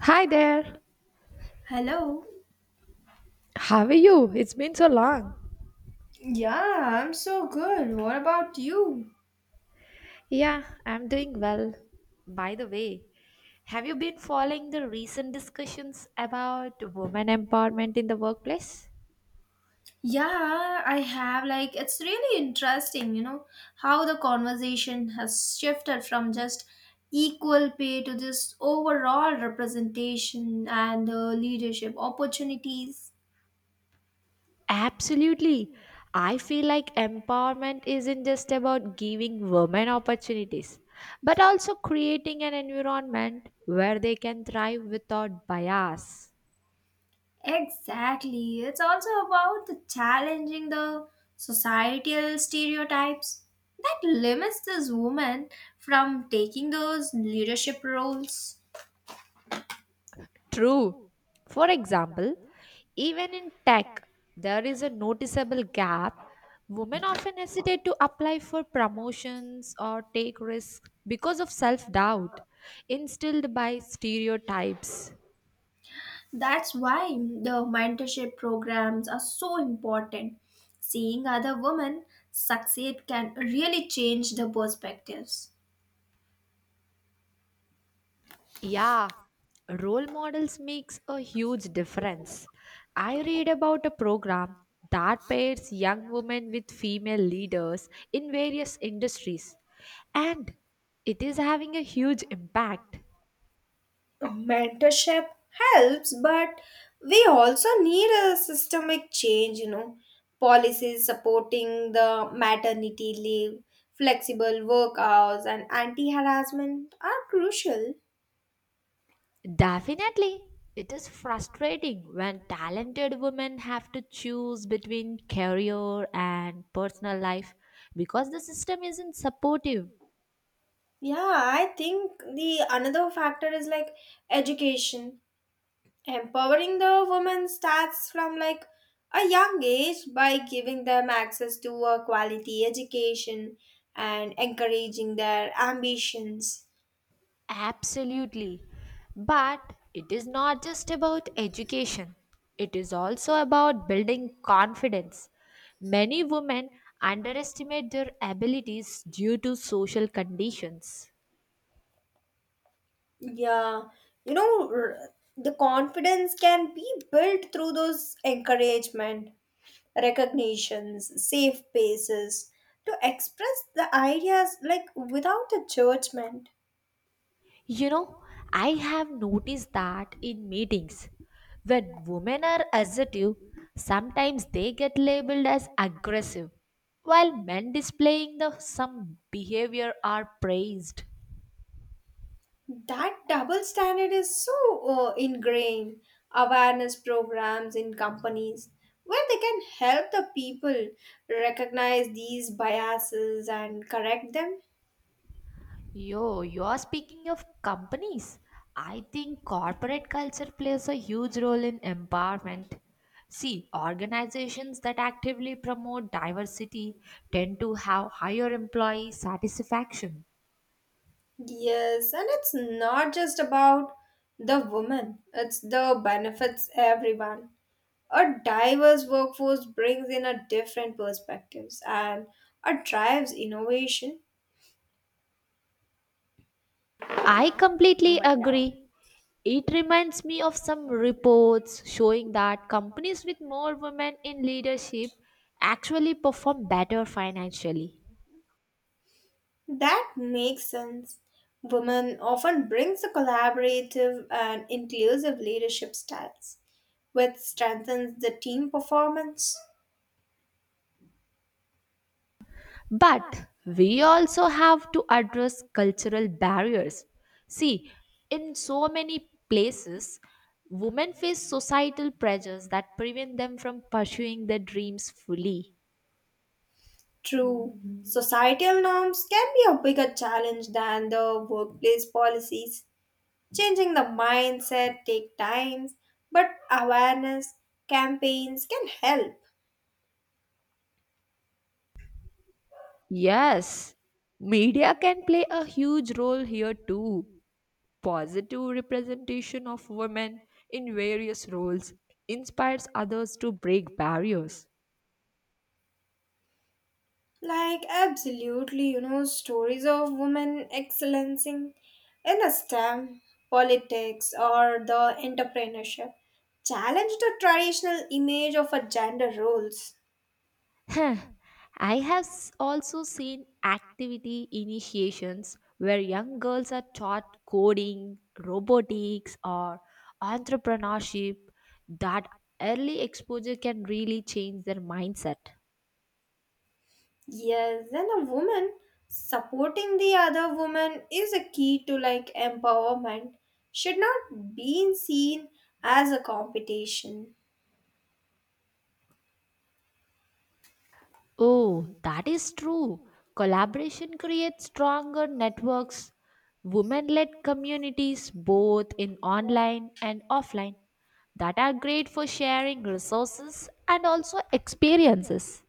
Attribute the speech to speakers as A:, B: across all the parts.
A: Hi there.
B: Hello.
A: How are you? It's been so long.
B: Yeah, I'm so good. What about you?
A: Yeah, I'm doing well. By the way, have you been following the recent discussions about women empowerment in the workplace?
B: Yeah, I have. Like, it's really interesting, how the conversation has shifted from just equal pay to this overall representation and leadership opportunities.
A: Absolutely. I feel like empowerment isn't just about giving women opportunities, but also creating an environment where they can thrive without bias.
B: Exactly. It's also about the challenging the societal stereotypes that limits this woman from taking those leadership roles.
A: True. For example, even in tech, there is a noticeable gap. Women often hesitate to apply for promotions or take risks because of self doubt instilled by stereotypes.
B: That's why the mentorship programs are so important. Seeing other women succeed can really change the perspectives.
A: Yeah, role models makes a huge difference. I read about a program that pairs young women with female leaders in various industries, and it is having a huge impact.
B: Mentorship helps, but we also need a systemic change, policies supporting the maternity leave, flexible work hours, and anti-harassment are crucial.
A: Definitely, it is frustrating when talented women have to choose between career and personal life because the system isn't supportive.
B: Yeah, I think the another factor is, like, education. Empowering the women starts from, like, a young age by giving them access to a quality education and encouraging their ambitions.
A: Absolutely. But it is not just about education, it is also about building confidence. Many women underestimate their abilities due to social conditions.
B: Yeah, you know r- the confidence can be built through those encouragement, recognitions, safe spaces to express the ideas, like, without a judgment.
A: You know, I have noticed that in meetings, when women are assertive, sometimes they get labeled as aggressive, while men displaying the some behavior are praised.
B: That double standard is so ingrained. Awareness programs in companies where they can help the people recognize these biases and correct them.
A: Yo, you're speaking of companies. I think corporate culture plays a huge role in empowerment. See, organizations that actively promote diversity tend to have higher employee satisfaction.
B: Yes, and it's not just about the woman, it's the benefits everyone. A diverse workforce brings in a different perspectives, and it drives innovation.
A: I completely agree. It reminds me of some reports showing that companies with more women in leadership actually perform better financially.
B: That makes sense. Women often brings a collaborative and inclusive leadership styles, which strengthens the team performance.
A: But we also have to address cultural barriers. See, in so many places, women face societal pressures that prevent them from pursuing their dreams fully.
B: True, societal norms can be a bigger challenge than the workplace policies. Changing the mindset take times, but awareness campaigns can help.
A: Yes, media can play a huge role here too. Positive representation of women in various roles inspires others to break barriers.
B: Like, absolutely, you know, stories of women excellencing in STEM, politics, or the entrepreneurship challenge the traditional image of a gender roles.
A: Huh. I have also seen activity initiations where young girls are taught coding, robotics, or entrepreneurship. That early exposure can really change their mindset.
B: Yes, and a woman supporting the other woman is a key to, like, empowerment, should not be seen as a competition.
A: Oh, that is true. Collaboration creates stronger networks, women led communities, both in online and offline, that are great for sharing resources and also experiences.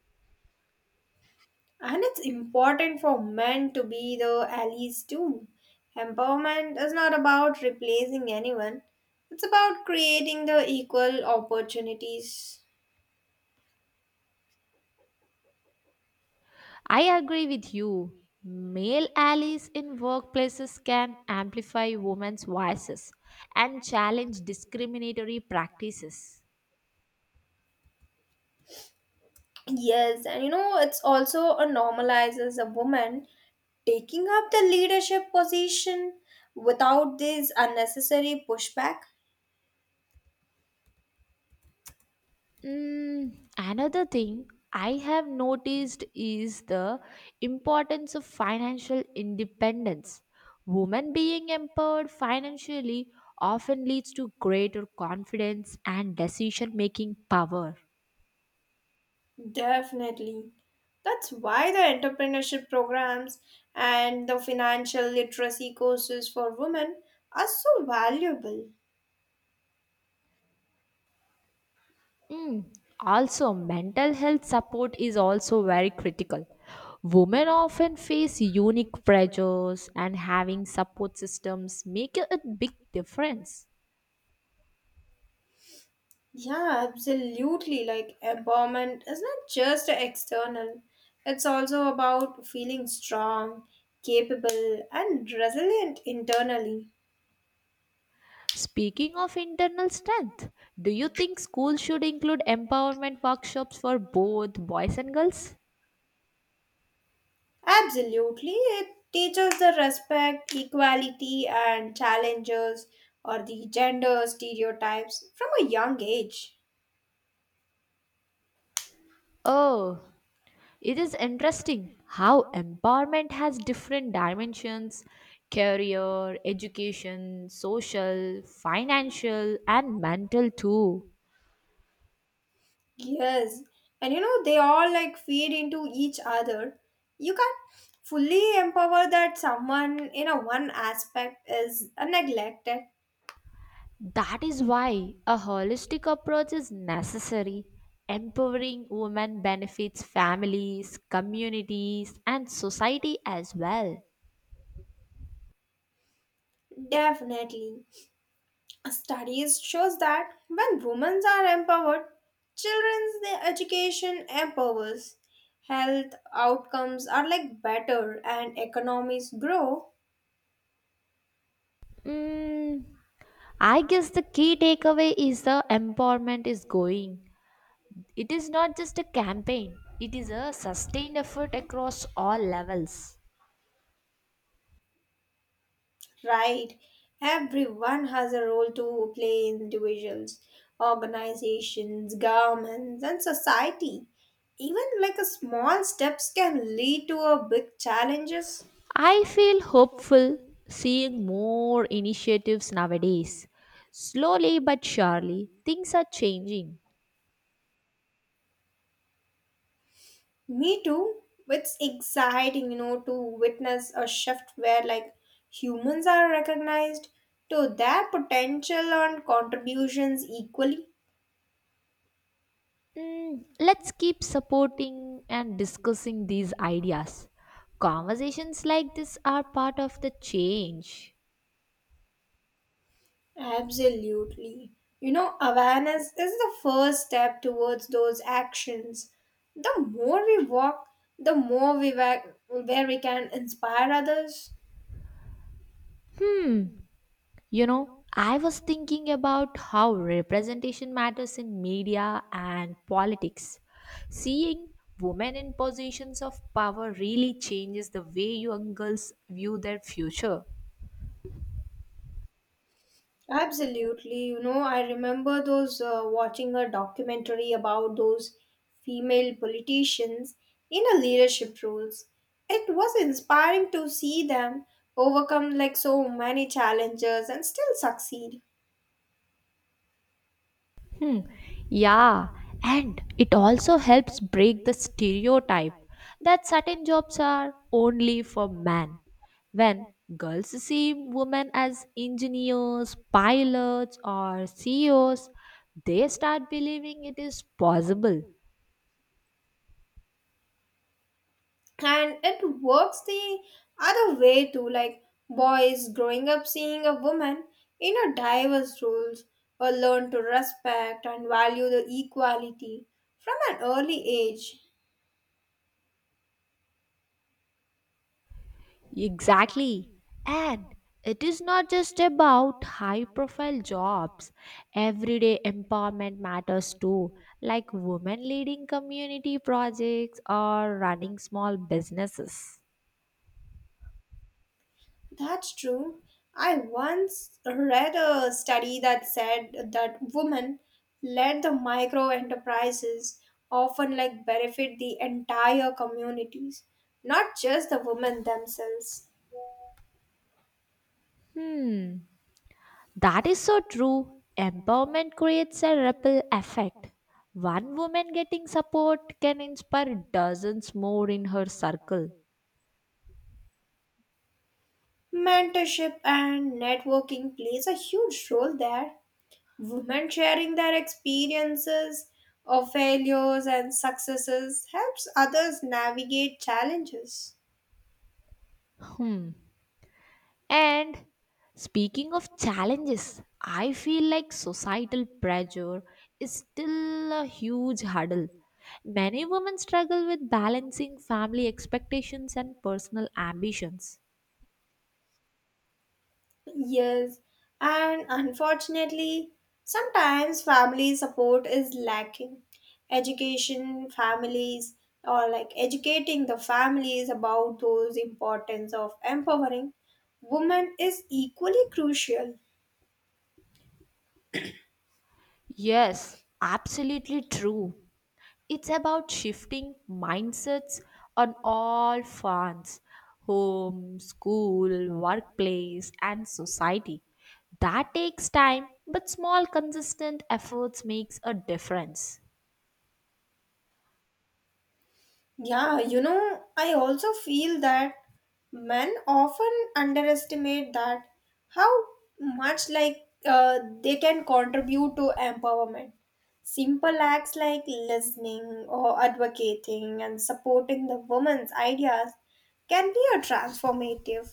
B: And it's important for men to be the allies too. Empowerment is not about replacing anyone, it's about creating the equal opportunities.
A: I agree with you. Male allies in workplaces can amplify women's voices and challenge discriminatory practices.
B: Yes, and you know, it's also a normalizes a woman taking up the leadership position without this unnecessary pushback.
A: Another thing I have noticed is the importance of financial independence. Women being empowered financially often leads to greater confidence and decision making power.
B: Definitely. That's why the entrepreneurship programs and the financial literacy courses for women are so valuable.
A: Mm, Also, mental health support is also very critical. Women often face unique pressures, and having support systems make a big difference.
B: Yeah, absolutely. Like, empowerment is not just external, it's also about feeling strong, capable, and resilient internally.
A: Speaking of internal strength, do you think schools should include empowerment workshops for both boys and girls?
B: Absolutely. It teaches the respect, equality, and challenges or the gender stereotypes from a young age.
A: Oh, it is interesting how empowerment has different dimensions career, education, social, financial, and mental too.
B: Yes, and you know they all, like, feed into each other. You can't fully empower that someone in a one aspect is neglected.
A: That is why a holistic approach is necessary. Empowering women benefits families, communities, and society as well.
B: Definitely, studies shows that when women are empowered, children's their education empowers, health outcomes are, like, better, and economies grow.
A: Mm, I guess the key takeaway is the empowerment is going. It is not just a campaign, it is a sustained effort across all levels.
B: Right. Everyone has a role to play in individuals, organizations, governments, and society. Even, like, a small steps can lead to a big challenges.
A: I feel hopeful seeing more initiatives nowadays. Slowly but surely, things are changing.
B: Me too. It's exciting, you know, to witness a shift where, like, humans are recognized to their potential and contributions equally.
A: Let's keep supporting and discussing these ideas. Conversations like this are part of the change.
B: Absolutely. You know, awareness is the first step towards those actions. The more we walk, the more we wa- where we can inspire others.
A: You know, I was thinking about how representation matters in media and politics. Seeing women in positions of power really changes the way young girls view their future.
B: Absolutely. You know, I remember those watching a documentary about those female politicians in a leadership roles. It was inspiring to see them overcome, like, so many challenges and still succeed.
A: Hmm. Yeah, and it also helps break the stereotype that certain jobs are only for men. When girls see women as engineers, pilots, or CEOs, they start believing it is possible.
B: And it works the other way too, like, boys growing up seeing a woman in a diverse roles or learn to respect and value the equality from an early age.
A: Exactly. And it is not just about high profile jobs. Everyday empowerment matters too, like women leading community projects or running small businesses.
B: That's true. I once read a study that said that women led the micro enterprises often, like, benefit the entire communities, not just the women themselves.
A: Hmm, that is so true. Empowerment creates a ripple effect. One woman getting support can inspire dozens more in her circle.
B: Mentorship and networking plays a huge role there. Women sharing their experiences of failures and successes helps others navigate challenges.
A: And speaking of challenges, I feel like societal pressure is still a huge hurdle. Many women struggle with balancing family expectations and personal ambitions.
B: Yes, and unfortunately, sometimes family support is lacking. Education, families, or, like, educating the families about those importance of empowering women is equally crucial.
A: Yes, absolutely true. It's about shifting mindsets on all fronts home, school, workplace, and society. That takes time, but small, consistent efforts makes a difference.
B: Yeah, you know, I also feel that men often underestimate that how much, like, they can contribute to empowerment. Simple acts like listening or advocating and supporting the woman's ideas can be a transformative.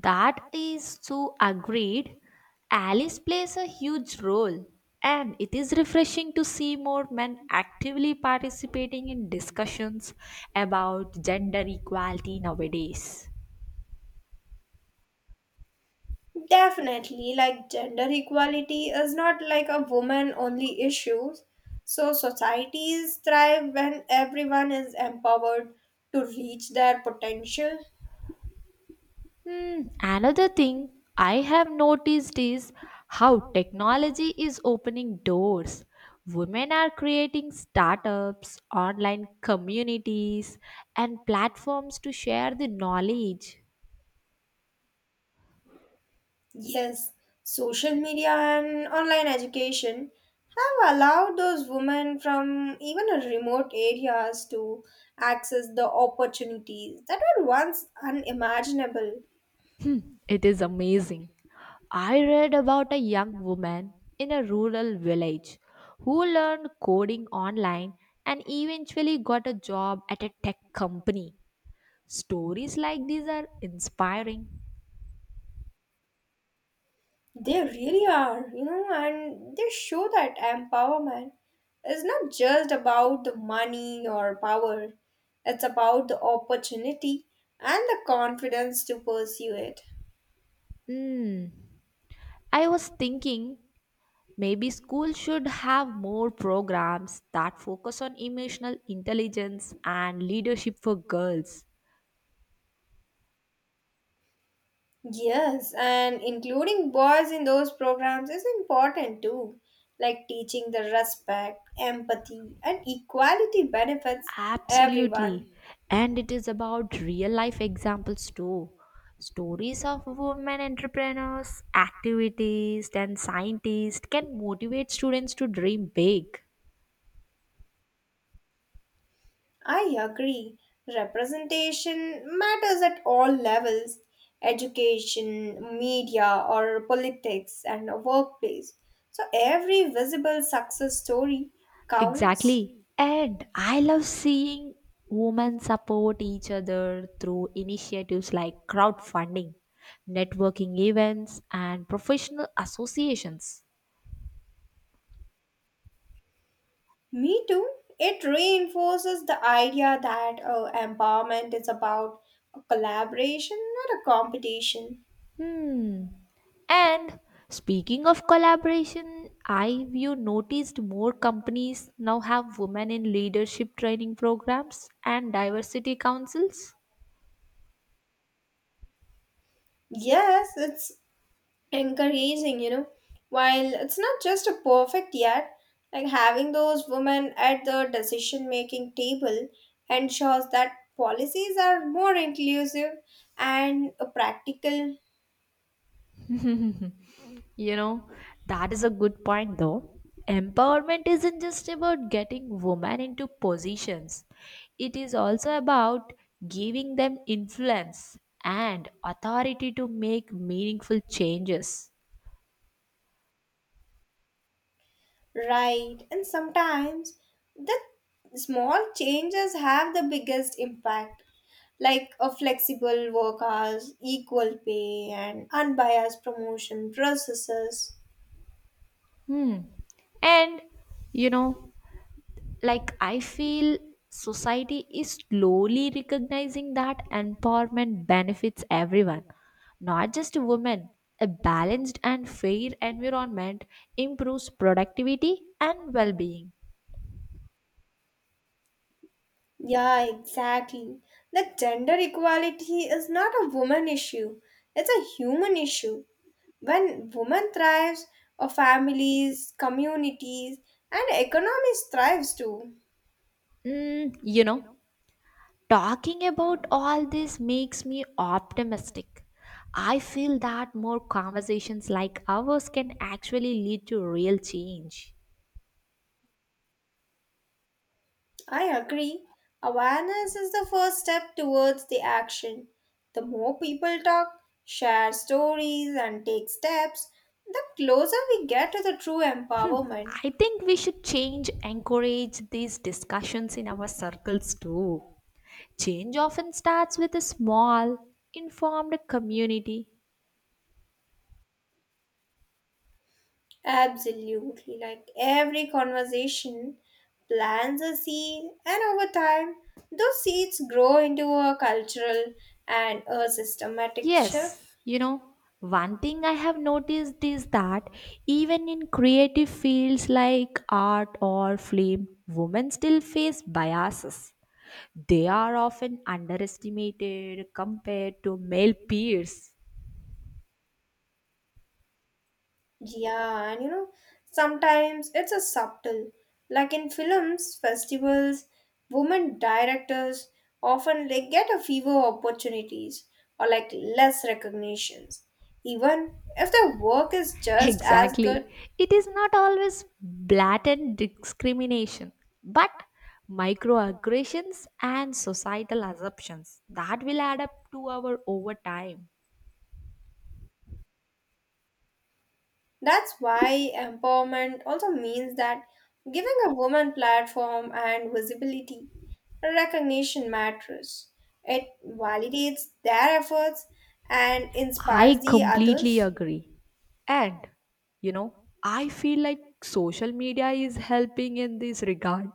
A: That is so agreed. Alice plays a huge role, and it is refreshing to see more men actively participating in discussions about gender equality nowadays.
B: Definitely, like, gender equality is not, like, a woman only issue. So, societies thrive when everyone is empowered to reach their potential.
A: Hmm, another thing I have noticed is how technology is opening doors. Women are creating startups, online communities, and platforms to share the knowledge.
B: Yes, social media and online education have allowed those women from even a remote areas to access the opportunities that were once unimaginable.
A: It is amazing. I read about a young woman in a rural village who learned coding online and eventually got a job at a tech company. Stories like these are inspiring.
B: They really are, you know, and they show that empowerment is not just about the money or power, it's about the opportunity and the confidence to pursue it.
A: Hmm. I was thinking maybe school should have more programs that focus on emotional intelligence and leadership for girls.
B: Yes, and including boys in those programs is important too, like teaching the respect, empathy, and equality benefits
A: Absolutely.
B: everyone.
A: And it is about real life examples too. Stories of women entrepreneurs, activities, and scientists can motivate students to dream big.
B: I agree. Representation matters at all levels education, media, or politics, and a workplace. So every visible success story counts.
A: Exactly. And I love seeing women support each other through initiatives like crowdfunding, networking events, and professional associations.
B: Me too. It reinforces the idea that empowerment is about a collaboration, not a competition.
A: Hmm. And speaking of collaboration, I've you noticed more companies now have women in leadership training programs and diversity councils.
B: Yes, it's encouraging, you know. While it's not just a perfect yet, like having those women at the decision making table ensures that policies are more inclusive and practical,
A: You know, that is a good point though. Empowerment isn't just about getting women into positions, it is also about giving them influence and authority to make meaningful changes.
B: right? And sometimes the small changes have the biggest impact. Like a flexible work hours, equal pay, and unbiased promotion processes.
A: Hmm. And you know, like I feel society is slowly recognizing that empowerment benefits everyone, not just women. A balanced and fair environment improves productivity and well-being.
B: Yeah, exactly. The gender equality is not a woman issue, it's a human issue. When women thrives, our families, communities, and economies thrives too.
A: You know, talking about all this makes me optimistic. I feel that more conversations like ours can actually lead to real change.
B: I agree. Awareness is the first step towards the action. The more people talk, share stories, and take steps, the closer we get to the true empowerment.
A: I think we should change, encourage these discussions in our circles too. Change often starts with a small, informed community.
B: Absolutely. Like every conversation plants a seed, and over time, those seeds grow into a cultural and a systematic
A: Yes,
B: shift.
A: you know, one thing I have noticed is that even in creative fields like art or film, women still face biases. They are often underestimated compared to male peers.
B: Yeah, and you know, sometimes it's a subtle. Like in films, festivals, women directors often they get a fewer opportunities or, like, less recognitions, even if their work is just as good.
A: Exactly. It is not always blatant discrimination, but microaggressions and societal assumptions that will add up to our over time.
B: That's why empowerment also means that giving a woman platform and visibility, recognition matters. It validates their efforts and inspires
A: I
B: the
A: completely
B: others.
A: agree. And you know, I feel like social media is helping in this regard.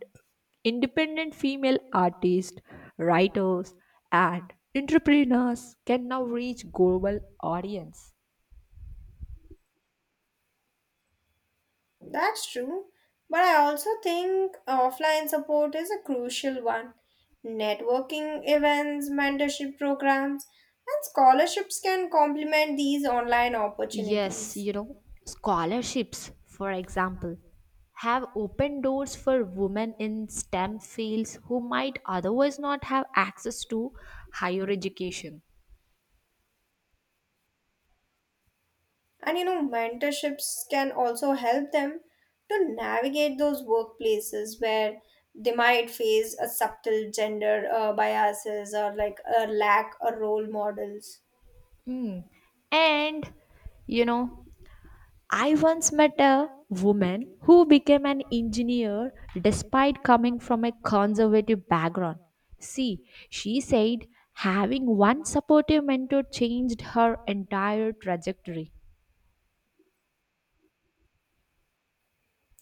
A: Independent female artists, writers, and entrepreneurs can now reach global audience.
B: That's true. But I also think offline support is a crucial one. Networking events, mentorship programs, and scholarships can complement these online
A: Yes,
B: opportunities.
A: you know, scholarships, for example, have opened doors for women in STEM fields who might otherwise not have access to higher education.
B: And you know, mentorships can also help them to navigate those workplaces where they might face a subtle gender biases or, like, a lack of role models.
A: Mm. And, you know, I once met a woman who became an engineer despite coming from a conservative background. See, she said having one supportive mentor changed her entire trajectory.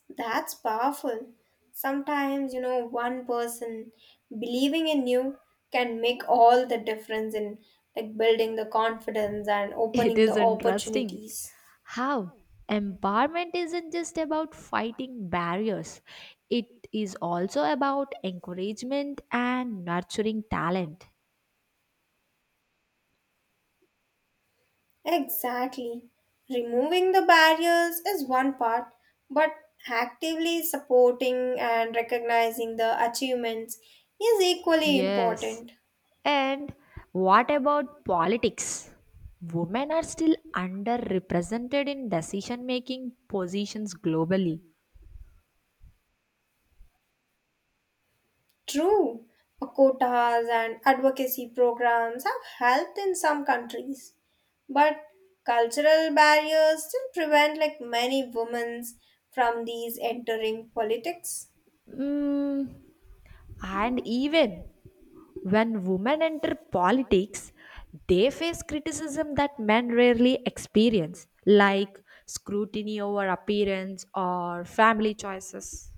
B: That's powerful. Sometimes, you know, one person believing in you can make all the difference in, like, building the confidence and
A: It
B: opening
A: is
B: the
A: interesting
B: opportunities.
A: how empowerment isn't just about fighting barriers, it is also about encouragement and nurturing talent.
B: Exactly. Removing the barriers is one part, but actively supporting and recognizing the achievements is equally
A: Yes.
B: important.
A: And what about politics? Women are still underrepresented in decision making positions globally.
B: True, quotas and advocacy programs have helped in some countries, but cultural barriers still prevent, like, many women from these entering politics.
A: Mm, And even when women enter politics, they face criticism that men rarely experience, like scrutiny over appearance or family choices.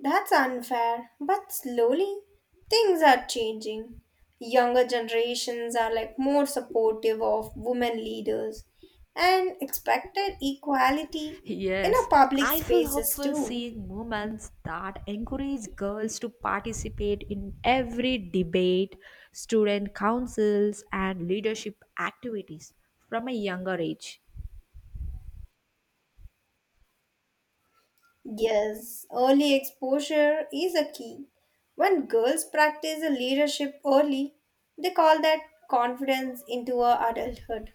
B: That's unfair, but slowly things are changing. Younger generations are, like, more supportive of women leaders and expected equality in
A: Yes,
B: our public
A: I feel
B: spaces
A: hopeful
B: too.
A: seeing movements that encourage girls to participate in every debate, student councils, and leadership activities from a younger age.
B: Yes, early exposure is a key. When girls practice a leadership early, they call that confidence into a adulthood.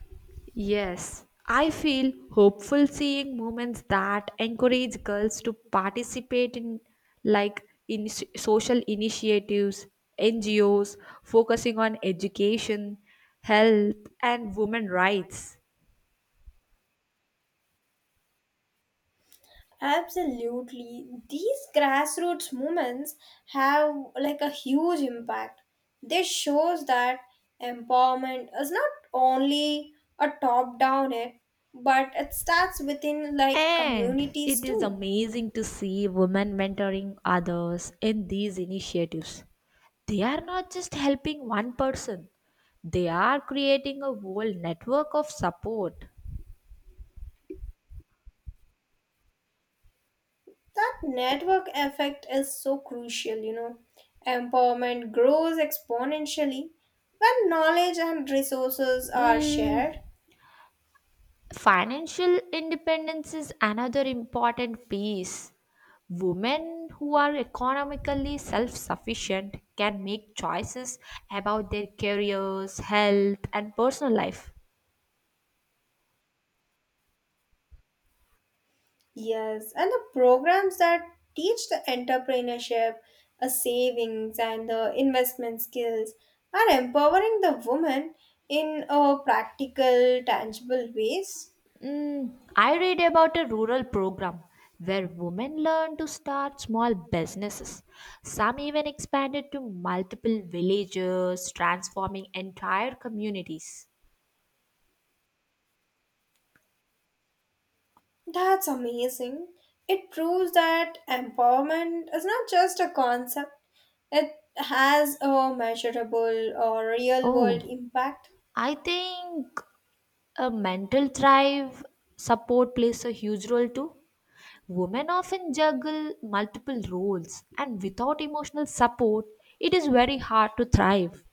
A: Yes, I feel hopeful seeing movements that encourage girls to participate in social initiatives, NGOs focusing on education, health and women rights.
B: Absolutely. These grassroots movements have, like, a huge impact. This shows that empowerment is not only a top down it, but it starts within, like,
A: And
B: communities
A: it is
B: too.
A: amazing to see women mentoring others in these initiatives. They are not just helping one person, they are creating a whole network of support.
B: That network effect is so crucial, you know. Empowerment grows exponentially when knowledge and resources are
A: Mm,
B: shared.
A: Financial independence is another important piece. Women who are economically self sufficient can make choices about their careers, health, and personal life.
B: Yes, and the programs that teach the entrepreneurship, a savings, and the investment skills are empowering the woman in a practical, tangible ways.
A: I read about a rural program where women learn to start small businesses. Some even expanded to multiple villages, transforming entire communities.
B: That's amazing. It proves that empowerment is not just a concept, it has a measurable or real
A: Oh,
B: world impact.
A: I think a mental thrive support plays a huge role too. Women often juggle multiple roles, and without emotional support, it is very hard to thrive.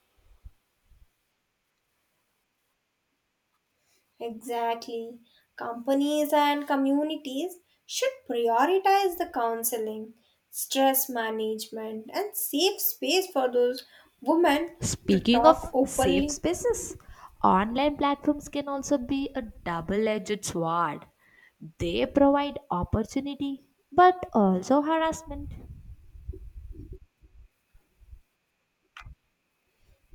B: Exactly. Companies and communities should prioritize the counseling, stress management, and safe space for those women to
A: Speaking
B: talk
A: of safe
B: openly.
A: spaces, online platforms can also be a double edged sword. They provide opportunity but also harassment.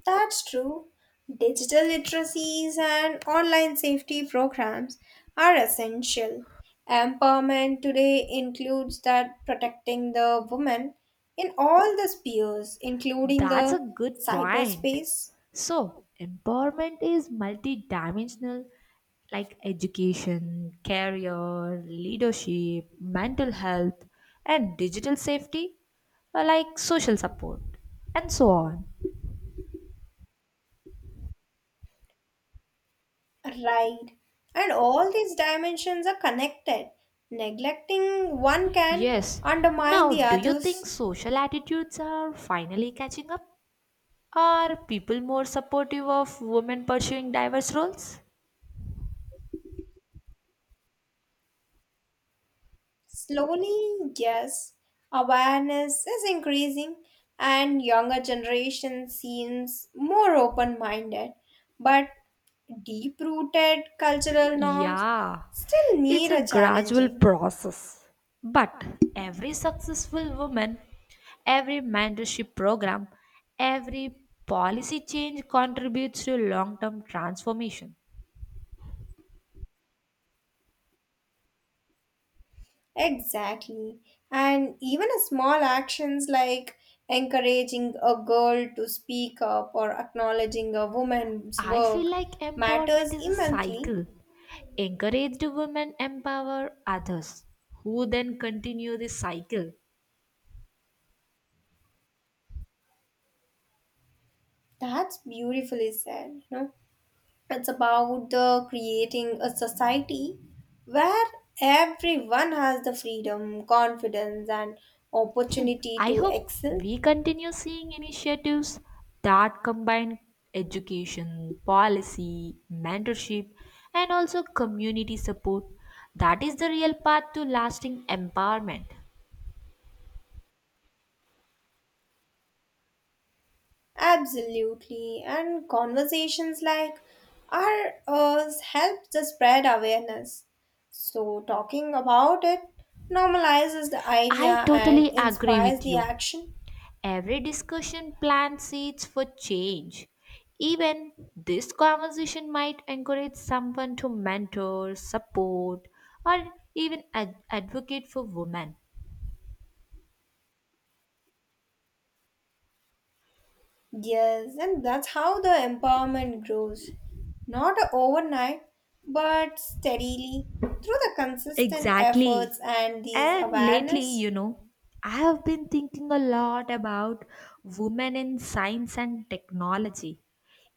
B: That's true. Digital literacies and online safety programs are essential. Empowerment today includes that protecting the woman in all the spheres, including
A: That's a
B: the
A: good point.
B: cyberspace.
A: So, empowerment is multidimensional, like education, career, leadership, mental health, and digital safety, like social support, and so on.
B: Right. And all these dimensions are connected. Neglecting one can
A: Yes.
B: undermine
A: Now,
B: the
A: do you think
B: others.
A: social attitudes are finally catching up? Are people more supportive of women pursuing diverse roles?
B: Slowly, yes, awareness is increasing and younger generation seems more open-minded, but deep-rooted cultural norms
A: Yeah,
B: still
A: it's
B: need
A: a
B: a
A: gradual
B: challenging.
A: process. But every successful woman, every mentorship program, every policy change contributes to long term transformation.
B: Exactly. And even a small actions like encouraging a girl to speak up or acknowledging a woman's
A: I feel
B: work
A: like empowerment
B: matters
A: is a
B: immensely.
A: cycle. Encouraged women empower others who then continue the cycle.
B: That's beautifully said, you know. It's about the creating a society where everyone has the freedom, confidence and opportunity
A: I
B: to
A: hope
B: excel.
A: we continue seeing initiatives that combine education, policy, mentorship, and also community support. That is the real path to lasting empowerment.
B: Absolutely. And conversations like ours help to spread awareness. So, talking about it normalizes the idea
A: I
B: and
A: totally agree
B: inspires
A: with
B: the
A: you.
B: action.
A: Every discussion plants seeds for change. Even this conversation might encourage someone to mentor, support, or even advocate for women.
B: Yes, and that's how the empowerment grows. Not overnight, but steadily through the consistent
A: Exactly.
B: efforts and these
A: And lately,
B: awareness.
A: you know, I have been thinking a lot about women in science and technology.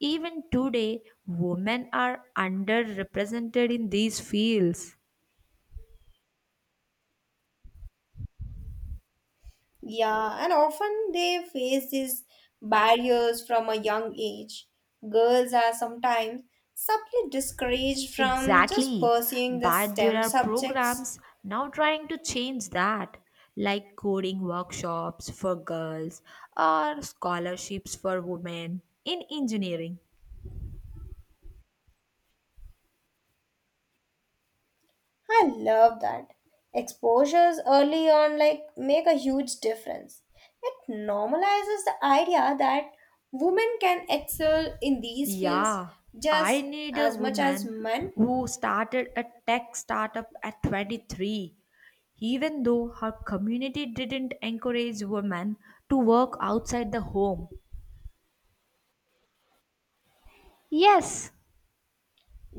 A: Even today, women are underrepresented in these fields.
B: Yeah, and often they face these barriers from a young age. Girls are sometimes subtly discouraged from just
A: Exactly.
B: pursuing the
A: But there
B: STEM
A: are
B: subjects.
A: programs now trying to change that, like coding workshops for girls or scholarships for women in engineering.
B: I love that. Exposures early on, like, make a huge difference. It normalizes the idea that women can excel in these fields
A: Yeah, I
B: just
A: need a
B: as much as
A: woman
B: men.
A: who started a tech startup at 23. Even though her community didn't encourage women to work outside the home. Yes,